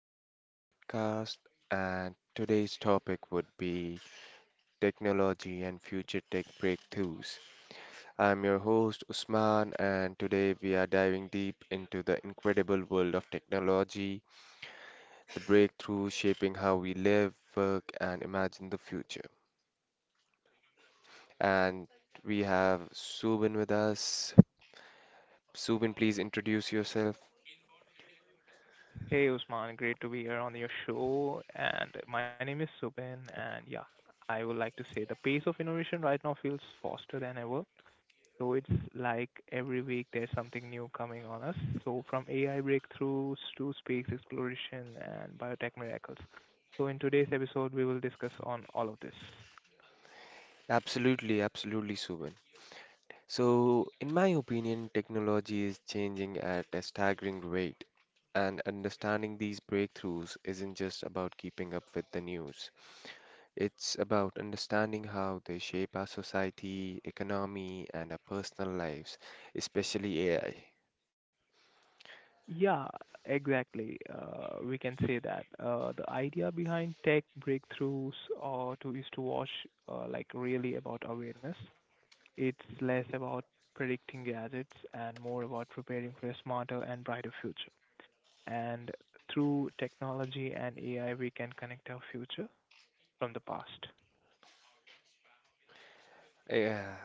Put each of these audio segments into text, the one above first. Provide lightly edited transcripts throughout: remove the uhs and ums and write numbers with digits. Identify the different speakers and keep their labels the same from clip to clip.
Speaker 1: SNU Podcast. And today's topic would be technology and future tech breakthroughs. I'm your host, Usman, and today we are diving deep into the incredible world of technology, the breakthroughs shaping how we live, work, and imagine the future. And we have Subin with us. Subin, please introduce yourself.
Speaker 2: Hey Usman, great to be here on your show. And my name is Subin, and yeah, I would like to say the pace of innovation right now feels faster than ever. So it's like every week there's something new coming on us. So from AI breakthroughs to space exploration and biotech miracles. So in today's episode, we will discuss on all of this.
Speaker 1: Absolutely, absolutely, Subin. So, in my opinion, technology is changing at a staggering rate, and understanding these breakthroughs isn't just about keeping up with the news. It's about understanding how they shape our society, economy, and our personal lives, especially AI.
Speaker 2: Yeah, exactly. We can say that the idea behind tech breakthroughs or to is to watch like really about awareness. It's less about predicting gadgets and more about preparing for a smarter and brighter future. And through technology and AI, we can connect our future from the past.
Speaker 1: Yeah,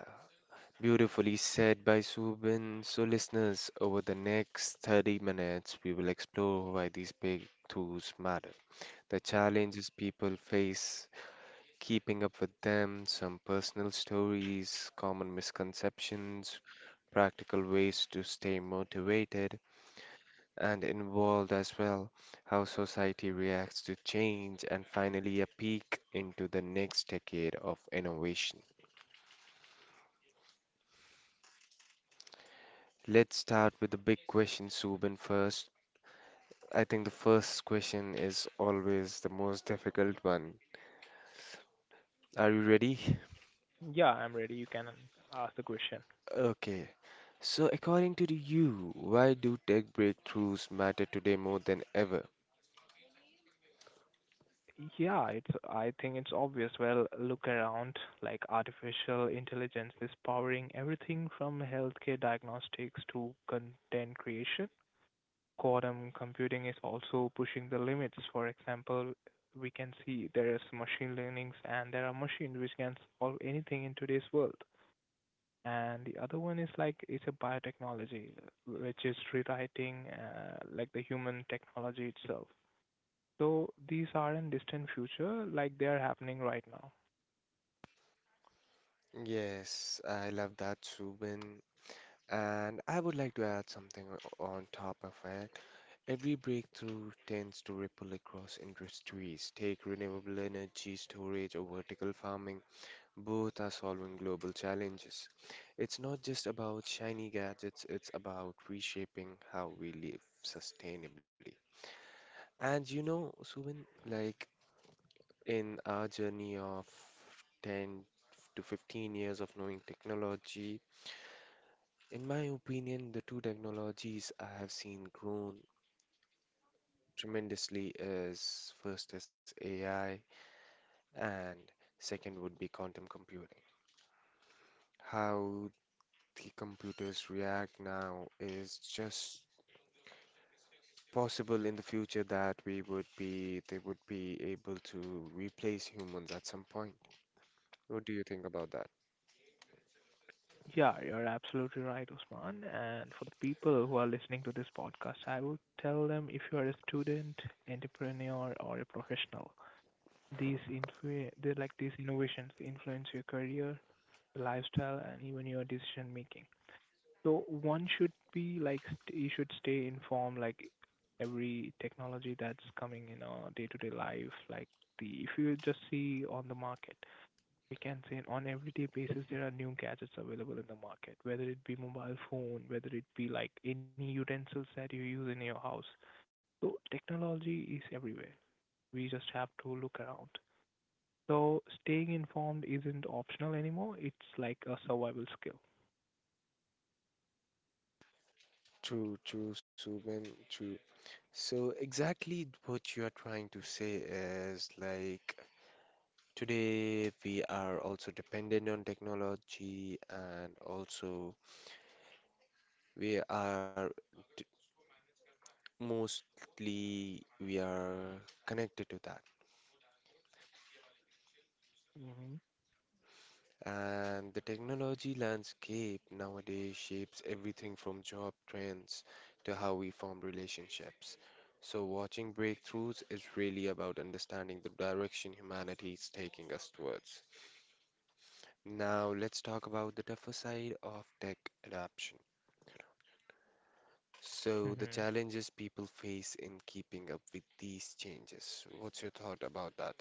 Speaker 1: beautifully said by Subin. So, listeners, over the next 30 minutes, we will explore why these breakthroughs matter, the challenges people face keeping up with them, some personal stories, common misconceptions, practical ways to stay motivated and involved as well, how society reacts to change, and finally a peek into the next decade of innovation. Let's start with the big question, Subin, first. I think the first question is always the most difficult one. Are you ready?
Speaker 2: Yeah, I'm ready. You can ask the question.
Speaker 1: Okay, so according to you, why do tech breakthroughs matter today more than ever?
Speaker 2: Yeah, it's I think it's obvious. Well, look around, like artificial intelligence is powering everything from healthcare diagnostics to content creation, quantum computing is also pushing the limits. For example, we can see there is machine learnings and there are machines which can solve anything in today's world. And the other one is like it's a biotechnology, which is rewriting like the human technology itself. So these are in distant future, like they are happening right now.
Speaker 1: Yes, I love that, Subin. And I would like to add something on top of it. Every breakthrough tends to ripple across industries. Take renewable energy storage or vertical farming, both are solving global challenges. It's not just about shiny gadgets, it's about reshaping how we live sustainably. And you know, Subin, like in our journey of 10 to 15 years of knowing technology, in my opinion, the two technologies I have seen grown tremendously is first is AI and second would be quantum computing. How the computers react now is just possible in the future that we would be they would be able to replace humans at some point. What do you think about that?
Speaker 2: Yeah, you're absolutely right, Usman. And for the people who are listening to this podcast, I would tell them if you are a student, entrepreneur, or a professional, they like these innovations influence your career, lifestyle, and even your decision making. So one should be like you should stay informed, like every technology that's coming in our day-to-day life. Like the if you just see on the market, we can say on everyday basis there are new gadgets available in the market. Whether it be mobile phone, whether it be like any utensils that you use in your house. So technology is everywhere. We just have to look around. So staying informed isn't optional anymore. It's like a survival skill.
Speaker 1: True, true, Subin, true. So exactly what you are trying to say is like today we are also dependent on technology, and also we are d- mostly we are connected to that.
Speaker 2: Mm-hmm.
Speaker 1: And the technology landscape nowadays shapes everything from job trends to how we form relationships. So watching breakthroughs is really about understanding the direction humanity is taking us towards. Now, let's talk about the tougher side of tech adoption. So, the
Speaker 2: Mm-hmm.
Speaker 1: challenges people face in keeping up with these changes. What's your thought about that?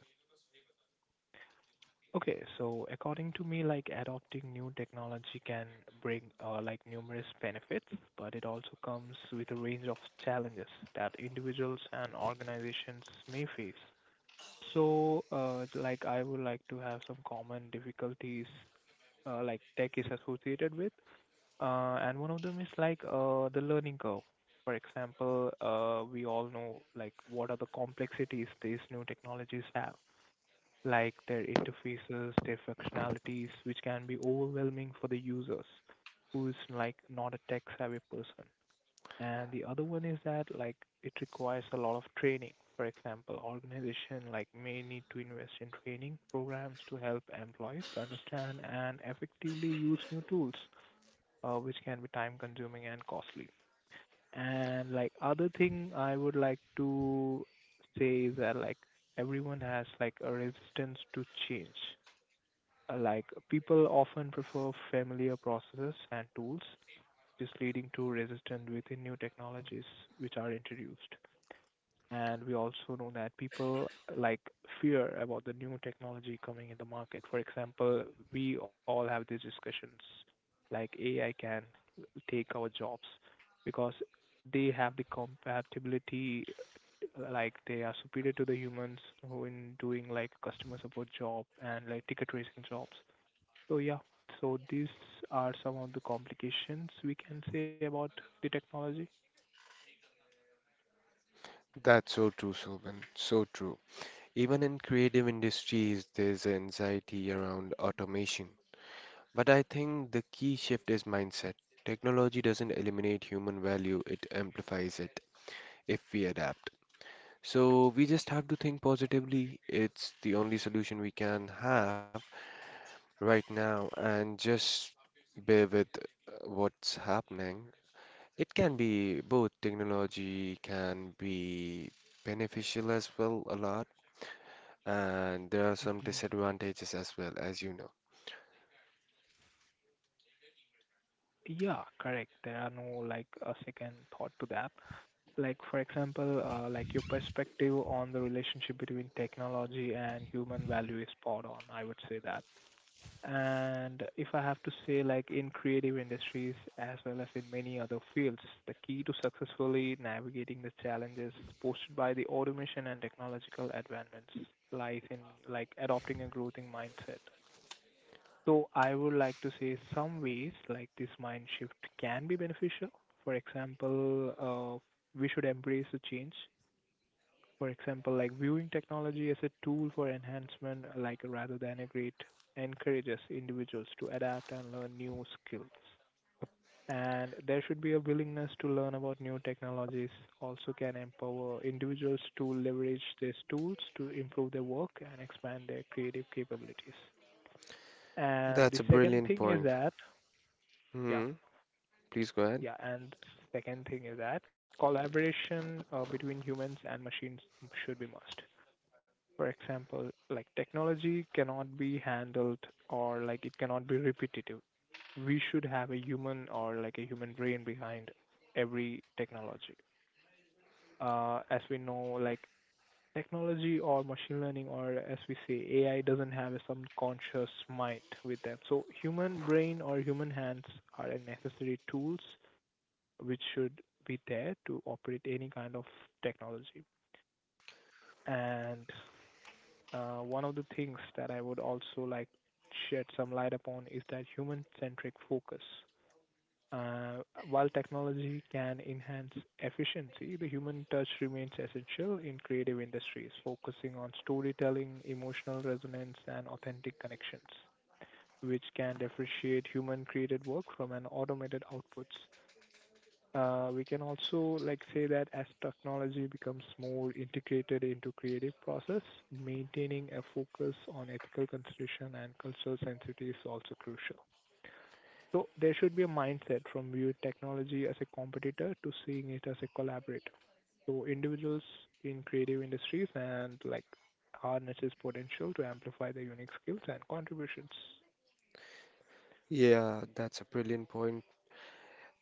Speaker 2: Okay, so according to me, like adopting new technology can bring like numerous benefits, but it also comes with a range of challenges that individuals and organizations may face. So, like I would like to have some common difficulties like tech is associated with. And one of them is like the learning curve. For example, we all know like what are the complexities these new technologies have, like their interfaces, their functionalities, which can be overwhelming for the users who is like not a tech-savvy person. And the other one is that like it requires a lot of training. For example, organization like may need to invest in training programs to help employees understand and effectively use new tools, which can be time consuming and costly. And like other thing I would like to say is that like everyone has like a resistance to change. Like people often prefer familiar processes and tools, just leading to resistance within new technologies which are introduced. And we also know that people like fear about the new technology coming in the market. For example, we all have these discussions like AI can take our jobs because they have the compatibility, like they are superior to the humans who in doing like customer support job and like ticket tracing jobs. So yeah, so these are some of the complications we can say about the technology.
Speaker 1: That's so true, Sobhan. So true. Even in creative industries, there's anxiety around automation. But I think the key shift is mindset. Technology doesn't eliminate human value, it amplifies it if we adapt. So we just have to think positively. It's the only solution we can have right now, and just bear with what's happening. It can be both. Technology can be beneficial as well a lot, and there are some disadvantages as well, as you know.
Speaker 2: Yeah, correct. There are no like a second thought to that. Like for example, like your perspective on the relationship between technology and human value is spot on. I would say that. And if I have to say, like in creative industries as well as in many other fields, the key to successfully navigating the challenges posed by the automation and technological advancements lies in like adopting a growing mindset, so I would like to say some ways like this mind shift can be beneficial. For example, we should embrace the change. For example, like viewing technology as a tool for enhancement, like rather than a great, encourages individuals to adapt and learn new skills. And there should be a willingness to learn about new technologies. Also, can empower individuals to leverage these tools to improve their work and expand their creative capabilities. And the
Speaker 1: That's a
Speaker 2: second
Speaker 1: brilliant
Speaker 2: thing is
Speaker 1: point.
Speaker 2: that, yeah,
Speaker 1: Hmm. Please go ahead.
Speaker 2: yeah. And second thing is that collaboration between humans and machines should be must. For example, like technology cannot be handled or like it cannot be repetitive. We should have a human or like a human brain behind every technology. As we know, like technology or machine learning or as we say AI doesn't have a subconscious mind with them. So human brain or human hands are a necessary tools which should be there to operate any kind of technology. And one of the things that I would also like to shed some light upon is that human-centric focus. Uh, while technology can enhance efficiency, the human touch remains essential in creative industries, focusing on storytelling, emotional resonance, and authentic connections, which can differentiate human created work from an automated outputs. We can also like say that as technology becomes more integrated into creative process, maintaining a focus on ethical consideration and cultural sensitivity is also crucial. So there should be a mindset from viewing technology as a competitor to seeing it as a collaborator. So individuals in creative industries and like harness its potential to amplify their unique skills and contributions.
Speaker 1: Yeah, that's a brilliant point.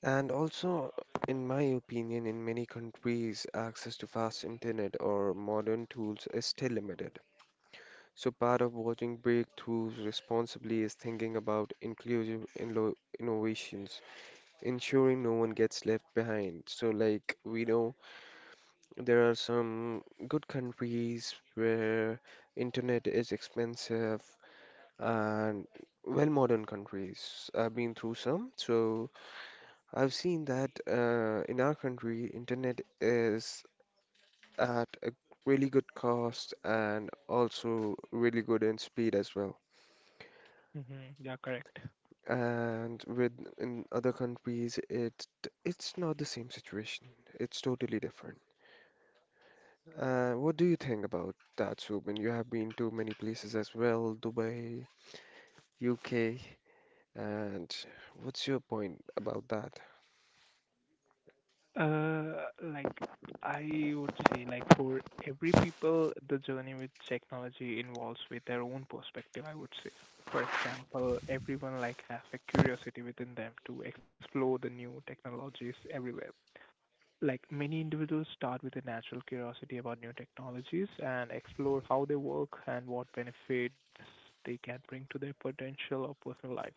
Speaker 1: And also, in my opinion, in many countries, access to fast internet or modern tools is still limited. So, part of watching breakthroughs responsibly is thinking about inclusive innovations, ensuring no one gets left behind. So, like we know, there are some good countries where internet is expensive and well modern countries. I've been through some, so I've seen that in our country, internet is at a really good cost and also really good in speed as well.
Speaker 2: Mm-hmm. Yeah, correct.
Speaker 1: And with in other countries, it's not the same situation. It's totally different. What do you think about that, Subin? You have been to many places as well, Dubai, UK, and what's your point about that?
Speaker 2: Uh, like I would say, like for every people, the journey with technology involves with their own perspective, I would say. For example, everyone like have a curiosity within them to explore the new technologies everywhere. Like many individuals start with a natural curiosity about new technologies and explore how they work and what benefits they can bring to their potential or personal lives.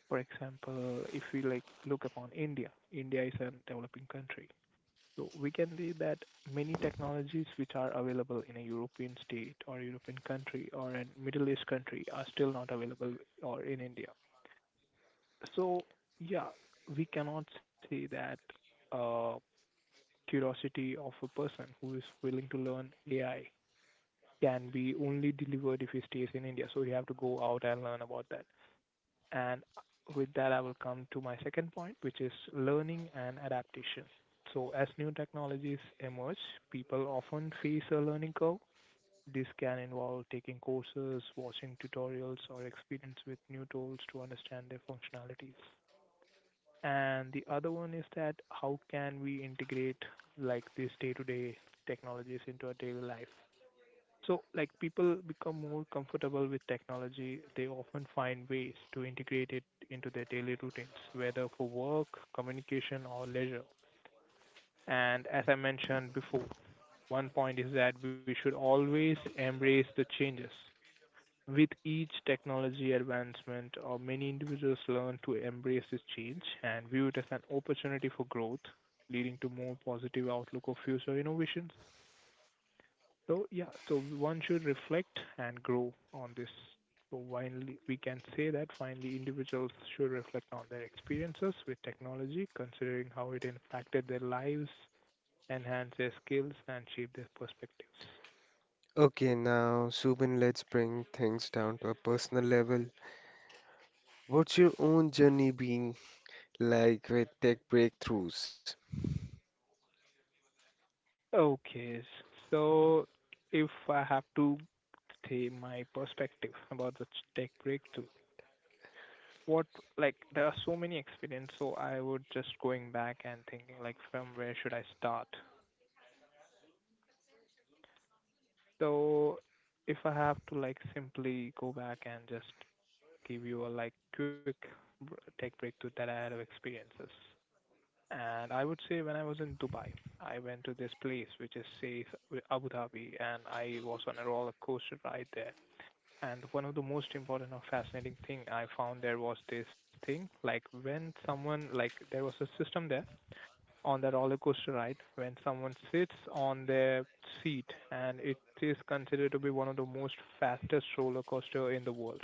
Speaker 2: For example, if we like look upon India, India is a developing country, so we can say that many technologies which are available in a European state or European country or a Middle East country are still not available or in India. So yeah, we cannot say that uh, curiosity of a person who is willing to learn AI can be only delivered if he stays in India. So you have to go out and learn about that. And with that, I will come to my second point, which is learning and adaptation. So, as new technologies emerge, people often face a learning curve. This can involve taking courses, watching tutorials, or experience with new tools to understand their functionalities. And the other one is that how can we integrate like these day-to-day technologies into our daily life? So, like, people become more comfortable with technology. They often find ways to integrate it into their daily routines, whether for work, communication, or leisure. And as I mentioned before, one point is that we should always embrace the changes. With each technology advancement, or many individuals learn to embrace this change and view it as an opportunity for growth, leading to more positive outlook of future innovations. So yeah, so one should reflect and grow on this. So finally, we can say that finally individuals should reflect on their experiences with technology, considering how it impacted their lives, enhanced their skills, and shaped their perspectives.
Speaker 1: Okay, now, Subin, let's bring things down to a personal level. What's your own journey been like with tech breakthroughs?
Speaker 2: Okay, so if I have to say my perspective about the tech breakthrough, what like there are so many experience, so I would just going back and thinking like from where should I start? So if I have to like simply go back and just give you a like quick br- tech breakthrough that I had of experiences. And I would say when I was in Dubai, I went to this place which is say Abu Dhabi and I was on a roller coaster ride there. And one of the most important or fascinating thing I found there was this thing like when someone like there was a system there on the roller coaster ride when someone sits on their seat, and it is considered to be one of the most fastest roller coaster in the world.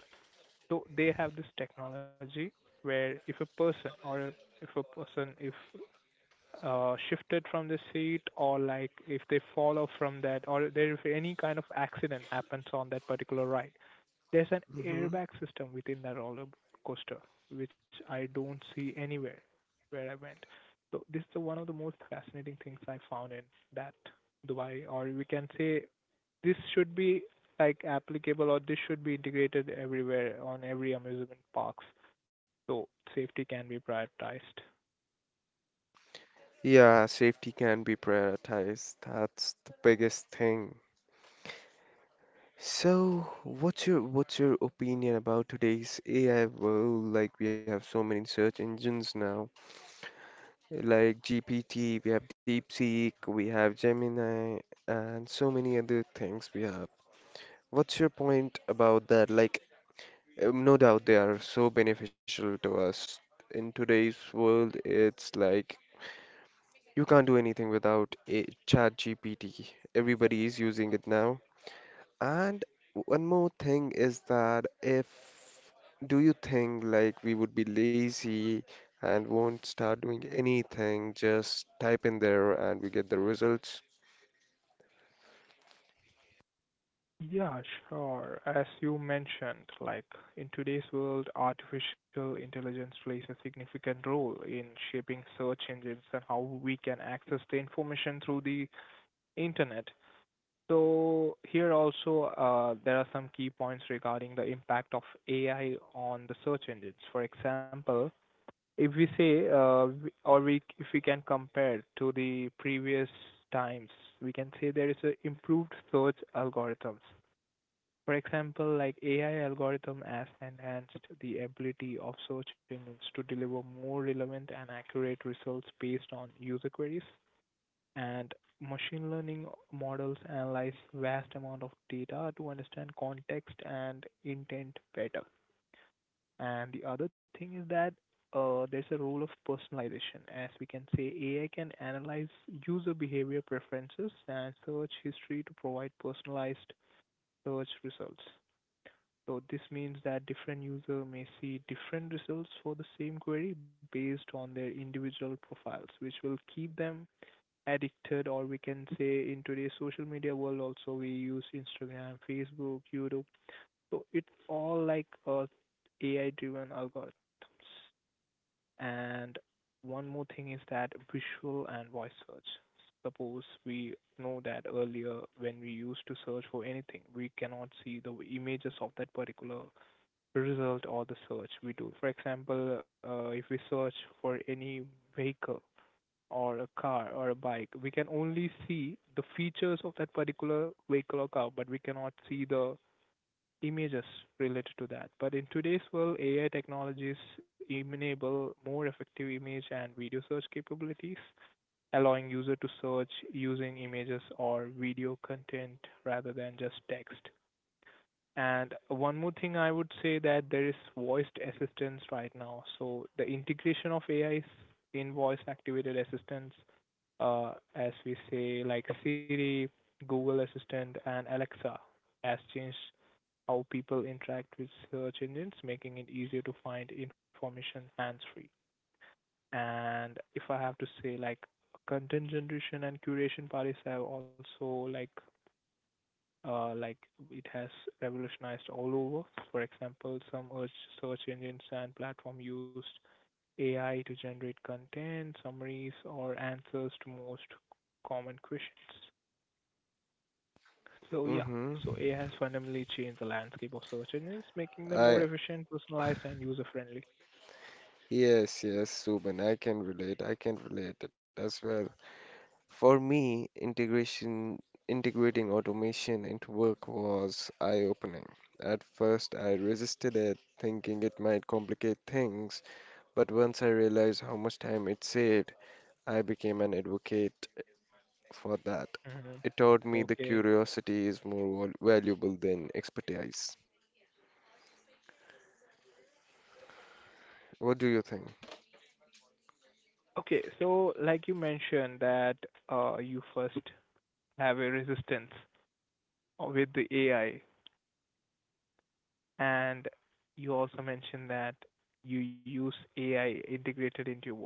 Speaker 2: So they have this technology where if a person or if a person if shifted from the seat or like if they fall off from that or there if any kind of accident happens on that particular ride, there's an
Speaker 1: Hmm.
Speaker 2: airbag system within that roller coaster, which I don't see anywhere where I went. So this is the one of the most fascinating things I found in that Dubai, or we can say this should be like applicable or this should be integrated everywhere on every amusement parks, so safety can be prioritized.
Speaker 1: Yeah, safety can be prioritized. That's the biggest thing. So, what's your opinion about today's AI world? Like we have so many search engines now, like GPT, we have DeepSeek, we have Gemini, and so many other things we have. What's your point about that? Like, no doubt they are so beneficial to us. In today's world, it's like you can't do anything without a ChatGPT. Everybody is using it now. And one more thing is that if do you think like we would be lazy and won't start doing anything, just type in there and we get the results?
Speaker 2: Yeah, sure. As you mentioned, like in today's world, artificial intelligence plays a significant role in shaping search engines and how we can access the information through the internet. So here also, there are some key points regarding the impact of AI on the search engines. For example, if we say, we- or we if we can compare to the previous times, we can say there is a improved search algorithms, for example, like AI algorithm has enhanced the ability of search engines to deliver more relevant and accurate results based on user queries. And machine learning models analyze vast amount of data to understand context and intent better. And the other thing is that there's a role of personalization. As we can say, AI can analyze user behavior preferences and search history to provide personalized search results. So this means that different user may see different results for the same query based on their individual profiles, which will keep them addicted, or we can say in today's social media world also we use Instagram, Facebook, YouTube. So it's all like a AI driven algorithms. And one more thing is that visual and voice search. Suppose we know that earlier when we used to search for anything, we cannot see the images of that particular result or the search we do. For example, if we search for any vehicle or a car or a bike, we can only see the features of that particular vehicle or car, but we cannot see the images related to that. But in today's world, AI technologies enable more effective image and video search capabilities, allowing user to search using images or video content rather than just text. And one more thing I would say that there is voiced assistance right now. So the integration of AIs in voice activated assistants, as we say, like Siri, Google Assistant, and Alexa, has changed how people interact with search engines, making it easier to find information hands free. And if I have to say, like content generation and curation parties have also uh, like it has revolutionized all over. For example, some urge search engines and platform used AI to generate content, summaries, or answers to most common questions. So yeah,
Speaker 1: Mm-hmm.
Speaker 2: so AI has fundamentally changed the landscape of search engines, making them more
Speaker 1: I
Speaker 2: efficient, personalized, and user-friendly.
Speaker 1: Yes, yes, Subin, I can relate. I can relate it as well. For me, integration integrating automation into work was eye-opening. At first, I resisted it, thinking it might complicate things. But once I realized how much time it saved, I became an advocate for that.
Speaker 2: Hmm.
Speaker 1: It taught me the
Speaker 2: Okay.
Speaker 1: curiosity is more valuable than expertise. What do you think?
Speaker 2: Okay, so like you mentioned that you first have a resistance with the AI. And you also mentioned that you use AI integrated into your work.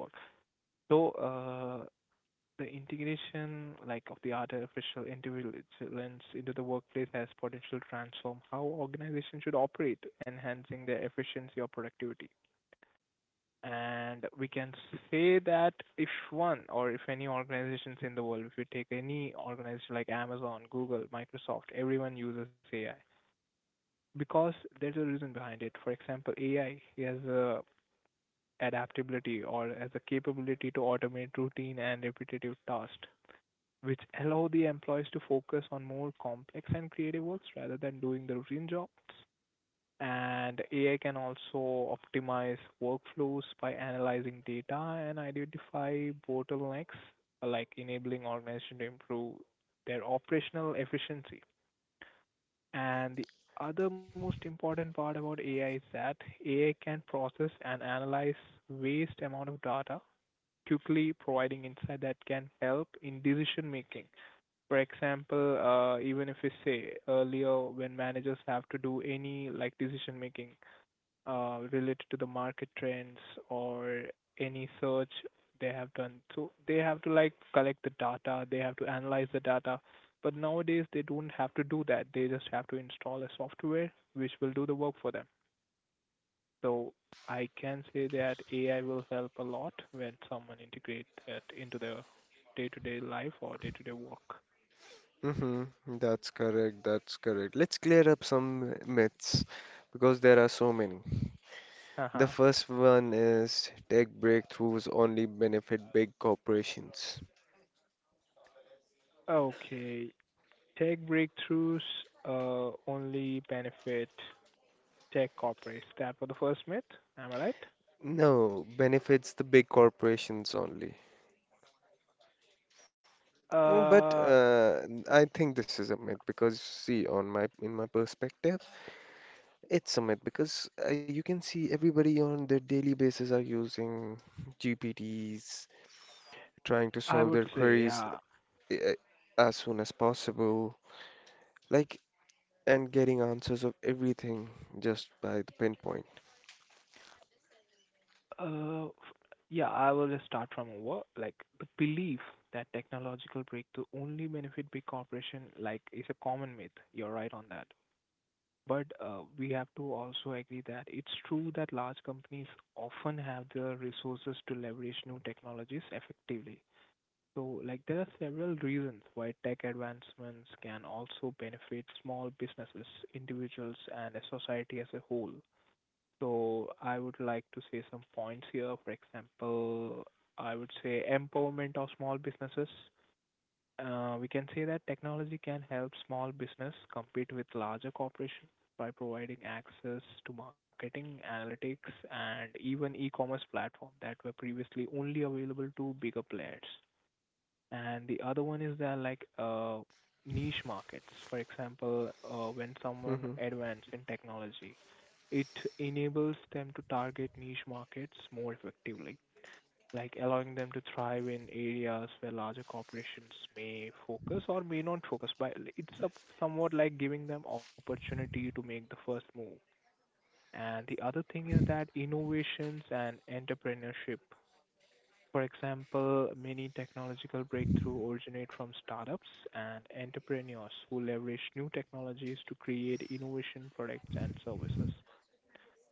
Speaker 2: So, the integration, like, of the artificial intelligence into the workplace has potential to transform how organizations should operate, enhancing their efficiency or productivity. And we can say that if one or if any organizations in the world, if you take any organization like Amazon, Google, Microsoft, everyone uses AI because there's a reason behind it. For example, AI has a adaptability or has a capability to automate routine and repetitive tasks, which allow the employees to focus on more complex and creative works rather than doing the routine jobs. And AI can also optimize workflows by analyzing data and identify bottlenecks, like enabling organizations to improve their operational efficiency. And the other most important part about AI is that AI can process and analyze vast amount of data quickly, providing insight that can help in decision making. For example, even if we say earlier when managers have to do any like decision making, related to the market trends or any search they have done. So they have to like collect the data, they have to analyze the data. But nowadays they don't have to do that. They just have to install a software which will do the work for them. So I can say that AI will help a lot when someone integrate that into their day-to-day life or day-to-day work.
Speaker 1: Mm-hmm. That's correct. That's correct. Let's clear up some myths because there are so many. The
Speaker 2: Uh-huh.
Speaker 1: first one is tech breakthroughs only benefit big corporations.
Speaker 2: Okay. Tech breakthroughs only benefit tech corporates. That for the first myth. Am I
Speaker 1: No, benefits the big corporations only. Mm, but
Speaker 2: right?
Speaker 1: I think this is a myth because see, on my in my perspective, it's a myth because you can see everybody on their daily basis are using GPTs, trying to
Speaker 2: I
Speaker 1: solve their
Speaker 2: would say,
Speaker 1: queries
Speaker 2: yeah.
Speaker 1: uh, as soon as possible, like, and getting answers of everything just by the pinpoint.
Speaker 2: Yeah, I will just start from over. Like the belief that technological breakthrough only benefit big corporation, like is a common myth. You're right on that. But we have to also agree that it's true that large companies often have the resources to leverage new technologies effectively. So, like, there are several reasons why tech advancements can also benefit small businesses, individuals, and a society as a whole. So, I would like to say some points here. For example, I would say empowerment of small businesses. We can say that technology can help small business compete with larger corporations by providing access to marketing, analytics, and even e-commerce platforms that were previously only available to bigger players. And the other one is there niche markets. For example, when someone
Speaker 1: Hmm.
Speaker 2: advances in technology, it enables them to target niche markets more effectively, like allowing them to thrive in areas where larger corporations may focus or may not focus. But somewhat like giving them opportunity to make the first move. And the other thing is that innovations and entrepreneurship, for example, many technological breakthroughs originate from startups and entrepreneurs who leverage new technologies to create innovation products and services.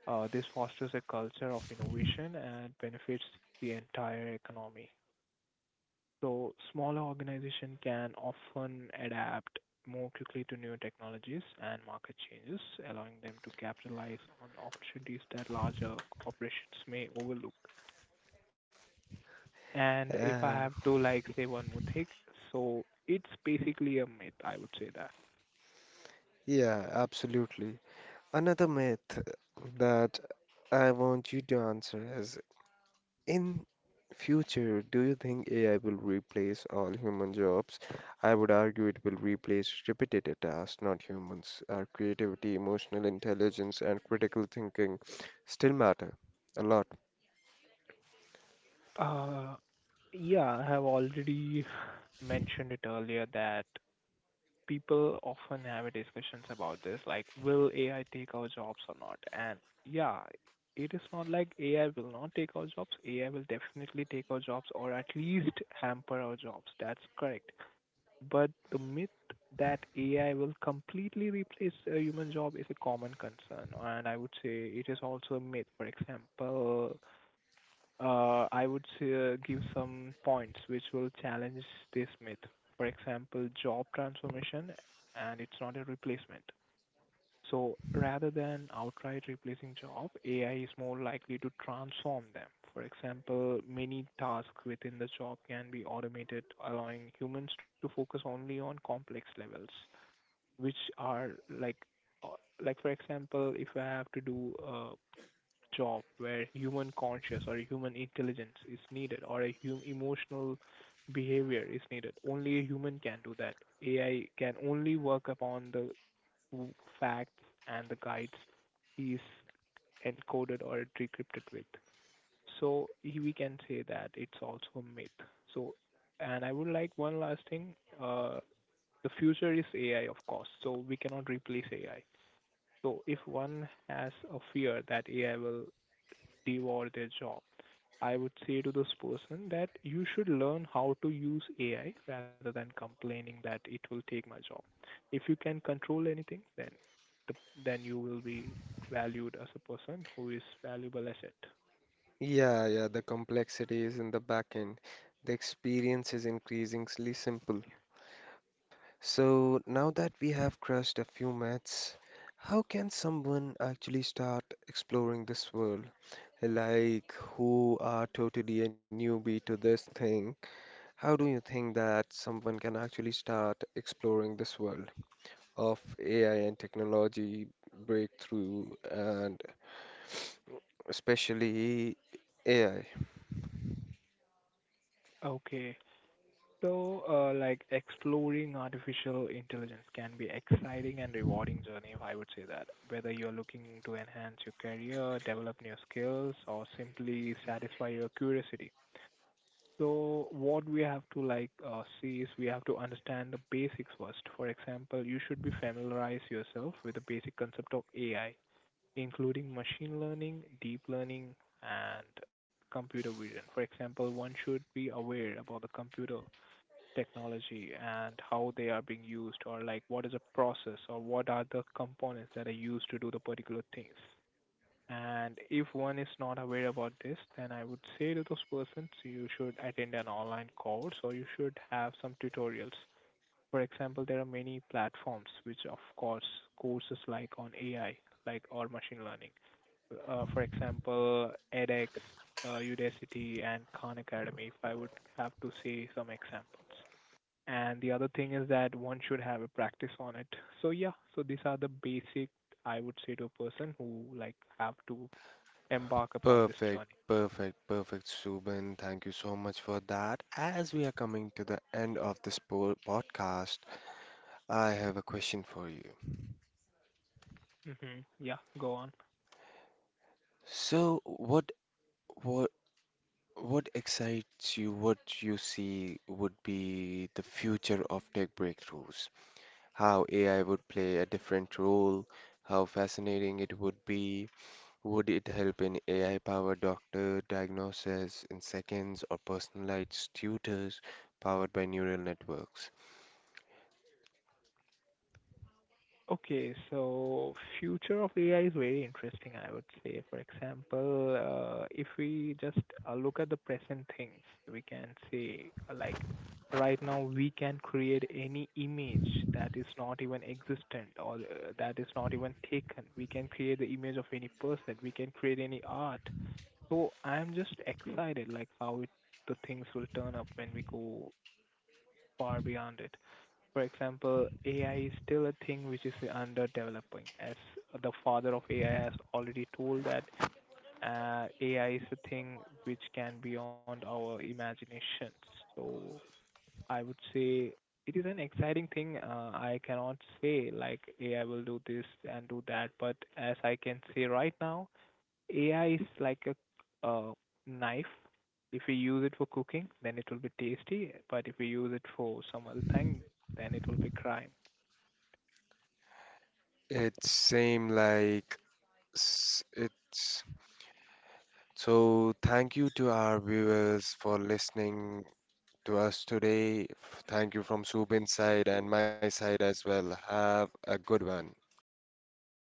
Speaker 2: This fosters a culture of innovation and benefits the entire economy. So, smaller organizations can often adapt more quickly to new technologies and market changes, allowing them to capitalize on opportunities that larger corporations may overlook. And
Speaker 1: Uh,
Speaker 2: if I have to like say one more thing, so it's basically a myth, I would say that.
Speaker 1: yeah, absolutely. Another myth that I want you to answer is: in future, do you think AI will replace all human jobs? I would argue it will replace repetitive tasks, not humans. Our creativity, emotional intelligence, and critical thinking still matter a lot.
Speaker 2: Uh, yeah, I have already mentioned it earlier that people often have discussions about this, like will AI take our jobs or not? And yeah, it is not like AI will not take our jobs. AI will definitely take our jobs or at least hamper our jobs. That's correct. But the myth that AI will completely replace a human job is a common concern, and I would say it is also a myth. For example, I would say, give some points which will challenge this myth. For example, job transformation, and it's not a replacement. So rather than outright replacing job, AI is more likely to transform them. For example, many tasks within the job can be automated, allowing humans to focus only on complex levels, which are uh, like, for example, if I have to do a job where human conscious or human intelligence is needed or a emotional behavior is needed, only a human can do that. AI can only work upon the two facts and the guides he's encoded or decrypted with. So we can say that it's also a myth. So, and I would like one last thing. The future is AI, of course. So we cannot replace AI. So if one has a fear that AI will devour their job, I would say to this person that you should learn how to use AI rather than complaining that it will take my job. If you can control anything, then the, then you will be valued as a person who is valuable asset.
Speaker 1: Yeah, yeah, the complexity is in the back end. The experience is increasingly simple. So now that we have crushed a few myths, how can someone actually start exploring this world? Like who are totally a newbie to this thing, how do you think that someone can actually start exploring this world of AI and technology breakthrough and especially AI?
Speaker 2: Okay, so like exploring artificial intelligence can be exciting and rewarding journey. I would say that whether you're looking to enhance your career, develop new skills, or simply satisfy your curiosity, so what we have to see is we have to understand the basics first. For example, you should be familiarize yourself with the basic concept of AI, including machine learning, deep learning, and computer vision. For example, one should be aware about the computer technology and how they are being used, or like what is a process, or what are the components that are used to do the particular things. And if one is not aware about this, then I would say to those persons, you should attend an online course or you should have some tutorials. For example, there are many platforms which, of course, courses like on AI, like or machine learning. For example, edX, Udacity, and Khan Academy, if I would have to say some examples. And the other thing is that one should have a practice on it. So yeah, so these are the basic I would say to a person who like have to embark upon this
Speaker 1: Perfect,
Speaker 2: journey.
Speaker 1: perfect, perfect, Subin. Thank you so much for that. As we are coming to the end of this po podcast, I have a question for you.
Speaker 2: Hmm. Yeah, go on.
Speaker 1: So, what, what excites you, what you see would be the future of tech breakthroughs, how AI would play a different role, how fascinating it would be, would it help in AI-powered doctor diagnosis in seconds or personalized tutors powered by neural networks?
Speaker 2: Okay, so future of AI is very interesting, I would say. For example, if we just look at the present things, we can say like right now we can create any image that is not even existent or that is not even taken. We can create the image of any person. We can create any art. So I'm just excited like the things will turn up when we go far beyond it. For example, AI is still a thing which is under developing, as the father of AI has already told that AI is a thing which can beyond our imagination. So I would say it is an exciting thing. I cannot say like AI will do this and do that, but as I can say right now, AI is like a knife. If we use it for cooking, then it will be tasty. But if we use it for some other thing, then it will be crime.
Speaker 1: It same like s- it's So thank you to our viewers for listening to us today. Thank you from Subin's side and my side as well. Have a good one.